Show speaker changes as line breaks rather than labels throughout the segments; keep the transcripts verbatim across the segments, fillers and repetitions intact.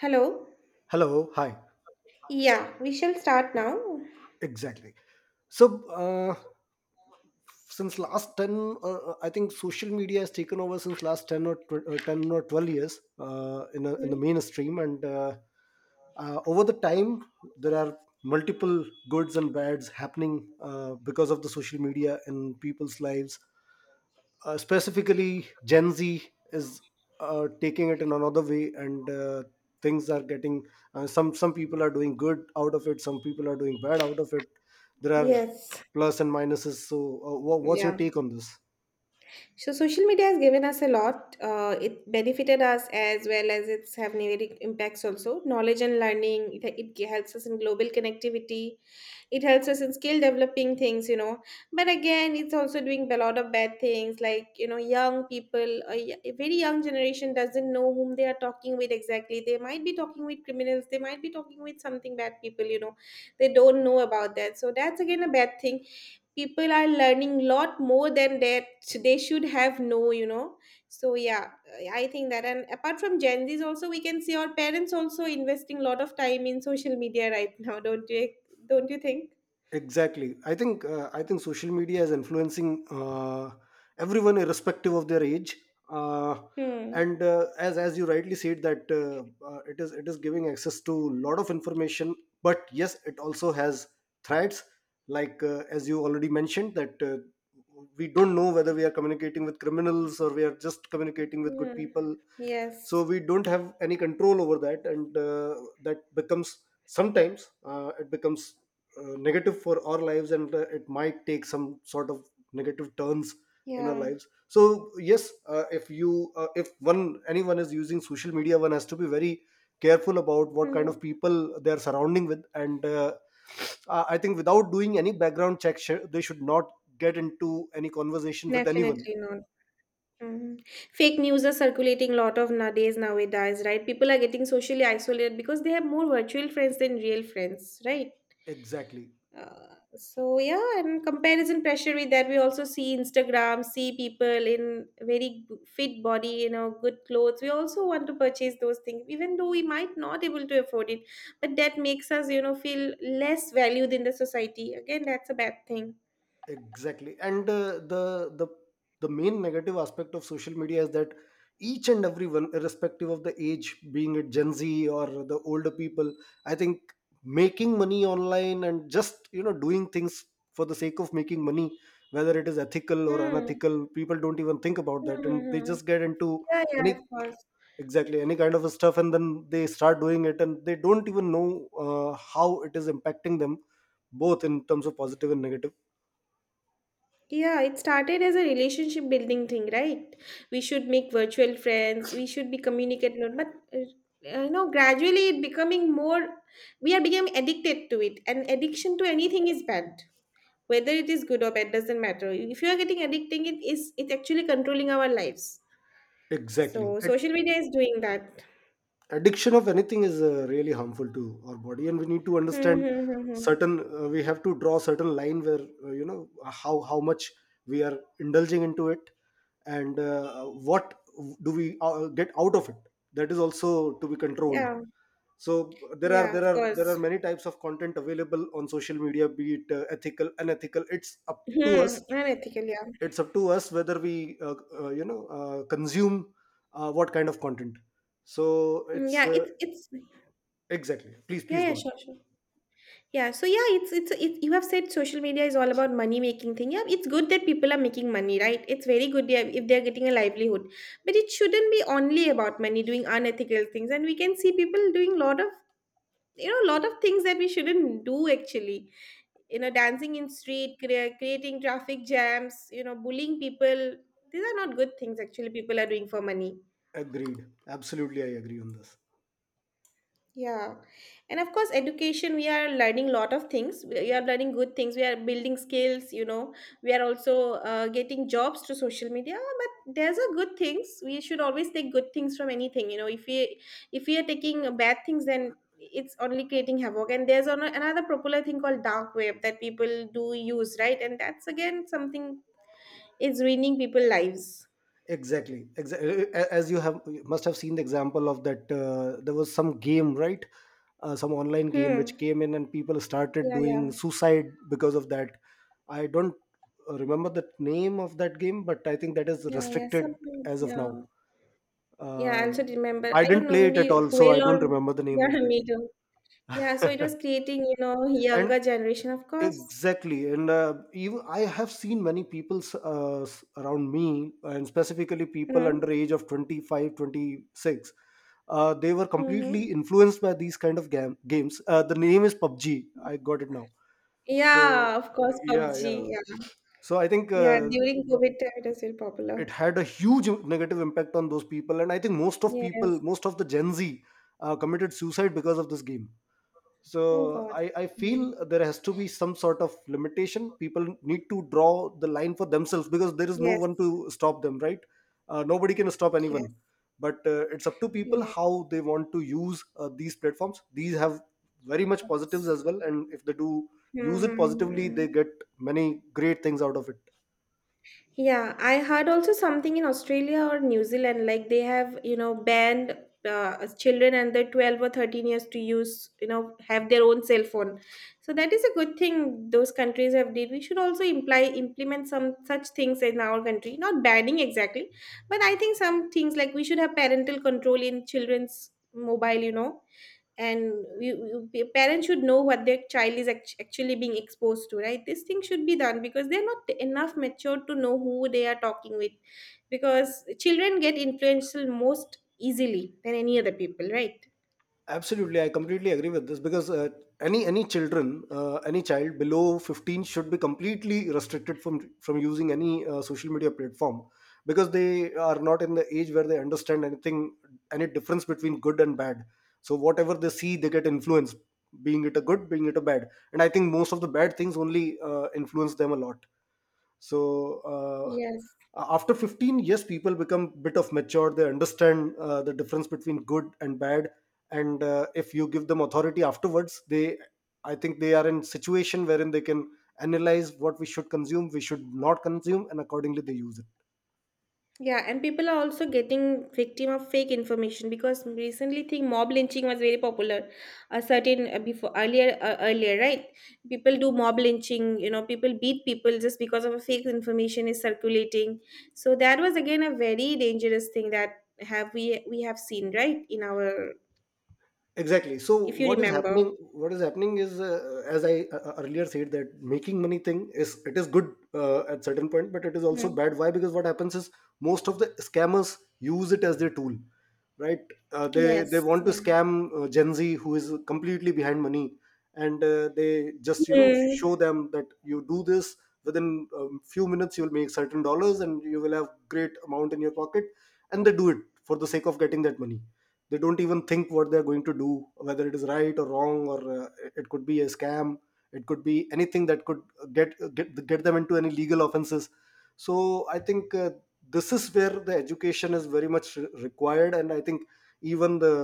Hello.
Hello, hi.
Yeah, we shall start now.
Exactly. So, uh, since last ten uh, i think social media has taken over since last ten or tw- uh, ten or twelve years uh, in, a, in the
Mm.
mainstream. And uh, uh, Over the time there are multiple goods and bads happening uh, because of the social media in people's lives, uh, specifically Gen Z is uh, taking it in another way. And uh, Things are getting uh, some some people are doing good out of it, some people are doing bad out of it. There are
Yes.
plus and minuses, so uh, wha- what's your
Yeah.
take on this?
So social media has given us a lot. Uh, it benefited us as well as it's have negative impacts also. Knowledge and learning. It, it helps us in global connectivity. It helps us in skill developing things. You know, But again, it's also doing a lot of bad things. Like you know, young people, a, y- a very young generation doesn't know whom they are talking with exactly. They might be talking with criminals. They might be talking with something bad people. You know, they don't know about that. So that's again a bad thing. People are learning a lot more than that they should have know you know So yeah, I think that. And apart from Gen Z's, also we can see our parents also investing a lot of time in social media right now, don't you don't you think?
Exactly, i think, uh, i think social media is influencing uh, everyone irrespective of their age. uh,
Hmm.
and uh, as as you rightly said that, uh, uh, it is it is giving access to a lot of information, but yes, it also has threats, like uh, as you already mentioned that, uh, we don't know whether we are communicating with criminals or we are just communicating with good
Yeah.
people. So
Yes.
we don't have any control over that, and uh, that becomes, sometimes uh, it becomes uh, negative for our lives, and uh, it might take some sort of negative turns in our
Yeah.
lives. So yes, uh, if you uh, if one anyone is using social media, one has to be very careful about what kind
Hmm.
of people they are surrounding with, and uh, uh, i think, without doing any background check, sh- they should not get into any conversation with anyone.
Definitely not. Hmm. Fake news are circulating a lot of nowadays nowadays, right? People are getting socially isolated because they have more virtual friends than real friends, right?
Exactly.
Uh, so yeah, and comparison pressure. With that we also see Instagram, see people in very g- fit body, you know good clothes. We also want to purchase those things even though we might not able to afford it, but that makes us, you know feel less valued in the society. Again, that's a bad thing.
Exactly. And uh, the the the main negative aspect of social media is that each and everyone, irrespective of the age, being it Gen Z or the older people, I think, making money online and just, you know, doing things for the sake of making money, whether it is ethical or
Hmm.
unethical, people don't even think about
Hmm,
that,
hmm,
and they
hmm.
just get into
Yeah, yeah, of
any,
course.
exactly, any kind of stuff, and then they start doing it, and they don't even know uh, how it is impacting them, both in terms of positive and negative.
Yeah, it started as a relationship building thing, right? We should make virtual friends, we should be communicating, but uh, uh, you know, gradually it becoming more, we are becoming addicted to it, and addiction to anything is bad. Whether it is good or bad doesn't matter. If you are getting addicting, it is it's actually controlling our lives.
Exactly.
So social media is doing that.
Addiction of anything is uh, really harmful to our body, and we need to
Hmm,
understand
hmm, hmm, hmm.
certain, uh, we have to draw certain line where, uh, you know, how how much we are indulging into it, and uh, what do we uh, get out of it, that is also to be controlled.
Yeah,
So there are
yeah,
there
of
are there
course.
are many types of content available on social media, be it uh, ethical, unethical, it's up to
Hmm,
us,
unethical, yeah.
it's up to us whether we, uh, uh, you know, uh, consume uh, what kind of content. So
Hmm.
it's
Yeah,
uh,
it's it's
Exactly. Please, please
Yeah, yeah,
go on.
sure, sure. Yeah, so yeah, it's it's it, you have said social media is all about money making thing. Yeah, it's good that people are making money, right? It's very good they are- if they are getting a livelihood, but it shouldn't be only about money, doing unethical things. And we can see people doing lot of you know lot of things that we shouldn't do actually. You know, dancing in street, crea- creating traffic jams, you know, bullying people. These are not good things actually. People are doing for money.
Agreed. Absolutely, I agree on this.
Yeah. And of course, education, we are learning lot of things. We we are learning good things. We are building skills, you know. We are also uh, getting jobs through social media. Ah, but there's a good things. We should always take good things from anything, you know. If we if we are taking bad things, then it's only creating havoc. And there's ano- another popular thing called dark web that people do use, right? And that's again something is ruining people lives.
Exactly. Exactly. As you have, you must have seen the example of that. Uh, there was some game, right? Uh, some online game which
Hmm.
came in, and people started
Yeah,
doing
yeah.
suicide because of that. I don't uh, remember the name of that game, but I think that is
Yeah, yeah.
restricted
Something,
as of now.
yeah. Yeah, I also
Um,
remember.
I
I don't
didn't
know,
play it at
maybe
all, so I
whale
don't
or
remember the name
yeah,
of
me too. Yeah, so it was
that.
creating, you know,
and
younger generation, of course.
Exactly, and uh, even I have seen many people, s- uh, s- around me, and specifically people
Mm-hmm.
under age of twenty five, twenty six. Uh, they were completely
Mm-hmm.
influenced by these kind of gam- games. Uh, the name is P U B G. I got it now. So
Yeah, of course,
yeah, yeah.
PUBG. Yeah,
So I think
yeah.
uh,
During COVID time, it was very
it
popular.
had a huge negative impact on those people, and I think most of
Yes.
people, most of the Gen Z, uh, committed suicide because of this game.
Oh
So
God.
I, I
Okay.
feel there has to be some sort of limitation. People need to draw the line for themselves, because there is no
Yes.
one to stop them, right? Uh, nobody can stop
Yes.
anyone, but uh, it's up to people
Yes.
how they want to use uh, these platforms. These have very much positives as well, and if they do use it positively,
Mm-hmm.
they get many great things out of it.
Yeah, I heard also something in Australia or New Zealand, like they have, you know, banned uh, children under twelve or thirteen years to use, you know, have their own cell phone. So that is a good thing those countries have did. We should also imply implement some such things in our country, not banning exactly, but I think some things like we should have parental control in children's mobile, you know, and you, you, parents should know what their child is act- actually being exposed to, right? This thing should be done because they're not enough mature to know who they are talking with, because children get influential most easily than any other people, right?
Absolutely, I completely agree with this, because uh, any any children, uh, any child below fifteen should be completely restricted from from using any uh, social media platform, because they are not in the age where they understand anything, any difference between good and bad. So whatever they see, they get influenced, being it a good, being it a bad. And I think most of the bad things only uh, influence them a lot. So uh,
Yes.
after fifteen years, people become bit of mature, they understand uh, the difference between good and bad, and uh, if you give them authority afterwards, they, I think, they are in situation wherein they can analyze what we should consume, we should not consume, and accordingly they use it.
Yeah, and people are also getting victim of fake information because recently thing mob lynching was very popular. A certain uh, before, earlier uh, earlier right, people do mob lynching. You know, people beat people just because of a fake information is circulating. So that was again a very dangerous thing that have we we have seen, right, in our,
Exactly. So
if you
what is
remember.
happening, what is happening is, uh, as i uh, uh, earlier said, that making money thing, is it is good uh, at certain point, but it is also
Hmm.
bad. Why? Because what happens is, most of the scammers use it as their tool, right? Uh, they they
Yes.
want to
Yeah.
scam uh, Gen Z who is completely behind money, and uh, they just, you know, show
Hmm.
them that, you do this within a few minutes, you will make certain dollars and you will have great amount in your pocket, and they do it for the sake of getting that money. They don't even think what they're going to do, whether it is right or wrong, or uh, it could be a scam, it could be anything that could get, get get them into any legal offenses. So I think uh, this is where the education is very much re- required, and I think even the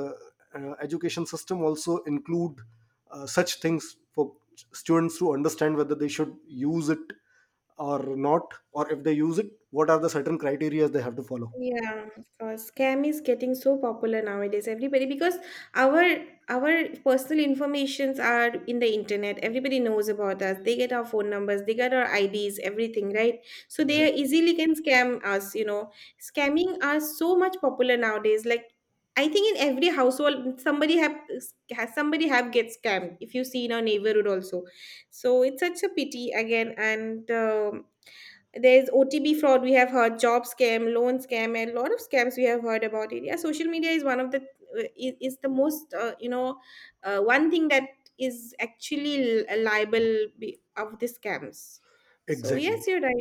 uh, education system also include uh, such things for ch- students to understand whether they should use it or not, or if they use it, what are the certain criteria they have to follow.
Yeah, of course. Scam is getting so popular nowadays, everybody, because our our personal informations are in the internet. Everybody knows about us. They get our phone numbers, they get our I Ds, everything, right? So they
Exactly.
easily can scam us, you know. Scamming are so much popular nowadays. Like, I think in every household somebody have has somebody have get scammed, if you see in our neighborhood also. So it's such a pity again, and um there's O T B fraud. We have heard job scam, loan scam, and a lot of scams we have heard about it. Yeah, social media is one of the uh, is, is the most uh, you know uh, one thing that is actually li- liable be- of the scams. So yes,
Exactly.
you're right.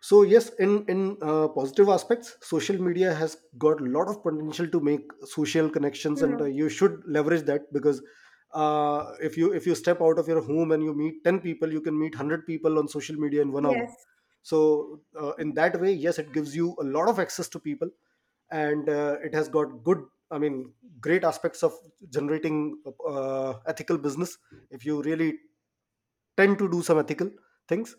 So yes, in in uh, positive aspects, social media has got a lot of potential to make social connections, and uh,
Hmm.
you should leverage that, because uh, if you if you step out of your home and you meet ten people, you can meet one hundred people on social media in one hour.
Yes.
So uh, in that way, yes, it gives you a lot of access to people, and uh, it has got good, I mean, great aspects of generating uh, ethical business, if you really tend to do some ethical things.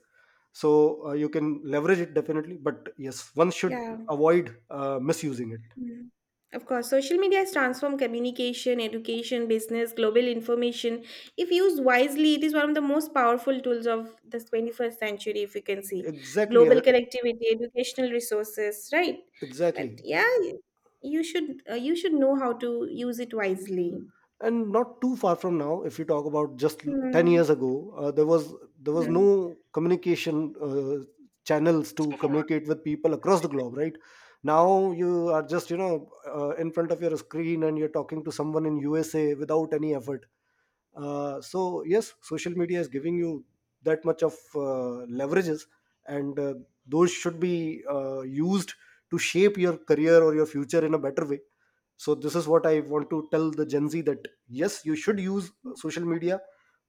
So uh, you can leverage it definitely, but yes, one should
Yeah.
avoid uh, misusing it.
Mm. Of course, social media has transformed communication, education, business, global information. If used wisely, it is one of the most powerful tools of the twenty-first century, if you can see.
exactly
Global
uh,
connectivity, educational resources, right? But
exactly,
yeah, you should uh, you should know how to use it wisely.
and not too far from now, if you talk about just l- ten
Mm.
years ago, uh, there was there was
Mm.
no communication uh, channels to communicate with people across the globe, right? Now you are just, you know, uh, in front of your screen and you're talking to someone in USA without any effort. Uh, so yes, social media is giving you that much of uh, leverages, and uh, those should be uh, used to shape your career or your future in a better way. So this is what I want to tell the Gen Z, that yes, you should use social media,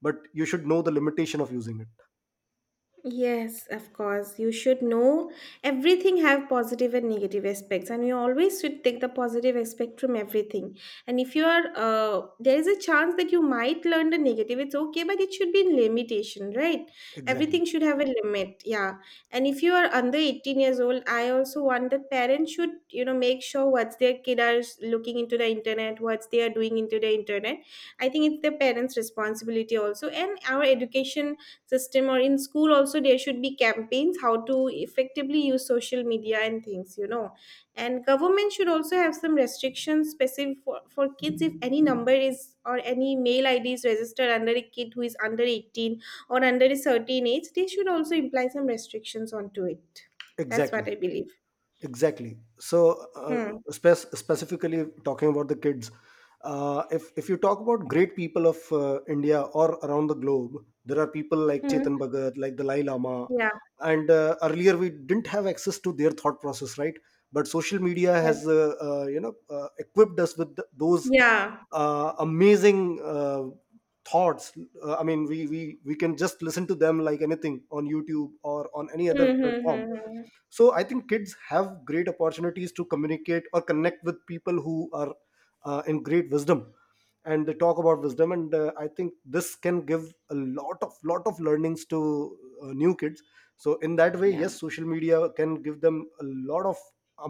but you should know the limitation of using it.
Yes, of course. You should know everything have positive and negative aspects, and you always should take the positive aspect from everything. And if you are, uh, there is a chance that you might learn the negative. It's okay, but it should be in limitation, right? Everything
Exactly.
should have a limit. Yeah. And if you are under eighteen years old, I also want that parents should, you know, make sure what's their kid are looking into the internet, what's they are doing into the internet. I think it's the parents responsibility also. And our education system or in school also, there should be campaigns how to effectively use social media and things you know And government should also have some restrictions specific for, for kids if any number is or any mail id is registered under a kid who is under eighteen, or under a certain age they should also imply some restrictions onto it. That's what
Exactly.
I believe.
exactly so
Hmm.
uh, spec- Specifically talking about the kids, Uh, if if you talk about great people of uh, India or around the globe, there are people like Chetan
Hmm.
Bhagat, like Dalai Lama,
Yeah.
and uh, earlier we didn't have access to their thought process, right? But social media
Yes.
has, uh, uh, you know, uh, equipped us with th- those
Yeah.
uh, amazing uh, thoughts. Uh, I mean, we we we can just listen to them like anything on YouTube or on any other platform.
Mm-hmm.
So I think kids have great opportunities to communicate or connect with people who are uh, in great wisdom and they talk about wisdom, and uh, i think this can give a lot of lot of learnings to uh, new kids. So in that way,
Yeah,
yes, social media can give them a lot of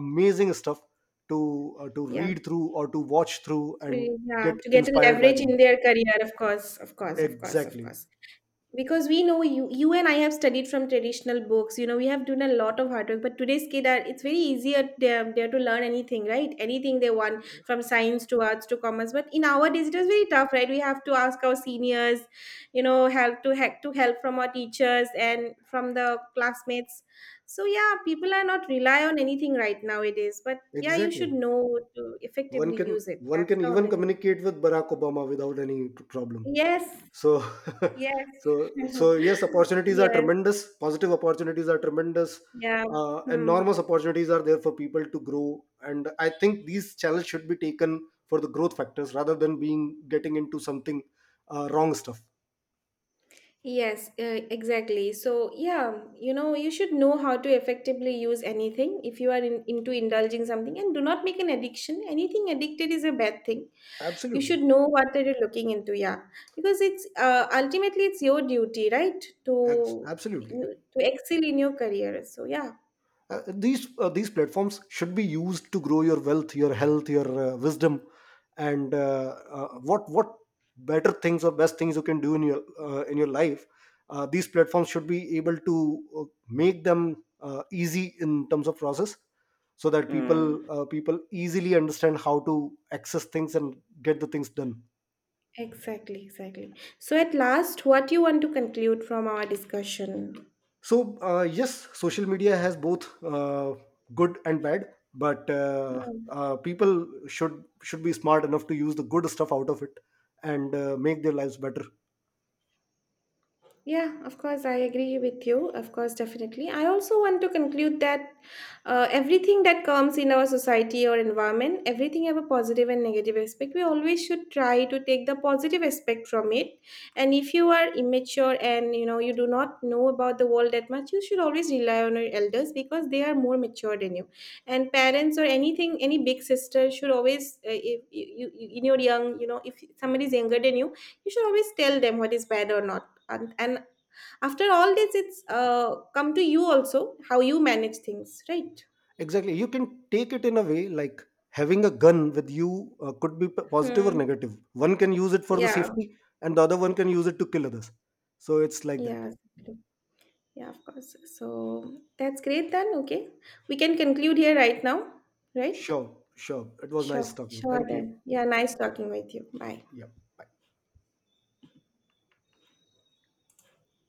amazing stuff to uh, to
yeah.
read through or to watch through and
To- yeah,
get
to get a
inspired by
leverage
them.
in their career, of course, of course, of course, of
Exactly.
course. Because we know you you and I have studied from traditional books you know We have done a lot of hard work, but today's kid are it's very easier. They're, they're to learn anything, right? Anything they want from science to arts to commerce. But in our days it was very tough, right? We have to ask our seniors, you know help to help to help from our teachers and from the classmates. So yeah, people are not rely on anything, right nowadays. But yeah, you should
Exactly.
know to
one
effectively
can
use it.
one
That's
can
the
even
only thing.
communicate with Barack Obama without any problem.
Yes.
So
Yes.
so so yes, opportunities are
Yes.
tremendous, positive opportunities are tremendous,
Yeah.
uh,
Hmm.
enormous opportunities are there for people to grow, and I think these channels should be taken for the growth factors, rather than being getting into something uh, wrong stuff.
Yes, uh, exactly. So, yeah, you know, you should know how to effectively use anything if you are in, into indulging something, and do not make an addiction. Anything addicted is a bad thing. You
Absolutely.
should know what are you looking into, yeah. Because it's uh, ultimately it's your duty, right?
Abs-
To
absolutely.
you to excel in your career. So, yeah.
Uh, these uh, these platforms should be used to grow your wealth, your health, your uh, wisdom, and uh, uh, what what better things or best things you can do in your uh, in your life. Uh, these platforms should be able to uh, make them uh, easy in terms of process, so that people,
Hmm.
uh, people easily understand how to access things and get the things done.
Exactly, exactly. So, at last, what you want to conclude from our discussion?
So, uh, yes, social media has both uh, good and bad, but uh,
Hmm.
uh, people should should be smart enough to use the good stuff out of it, and uh, make their lives better.
Yeah, of course, I agree with you. Of course, definitely. I also want to conclude that uh, everything that comes in our society or environment, everything have a positive and negative aspect. We always should try to take the positive aspect from it. And if you are immature and you know you do not know about the world that much, you should always rely on your elders because they are more mature than you. And parents or anything, any big sister should always, uh, if you, you in your young, you know, if somebody is younger than you, you should always tell them what is bad or not. And, and after all this, it's uh, come to you also how you manage things, right?
Exactly, you can take it in a way like having a gun with you uh, could be p- positive or
Hmm.
negative. One can use it for the
Yeah,
safety, and the other one can use it to kill others. So it's like that.
yeah, exactly. Yeah, of course. So that's great then. Okay, we can conclude here right now, right?
Sure, sure. It was nice
Sure,
talking.
sure.
Thank you.
Then yeah, nice talking with you. Bye.
Yeah.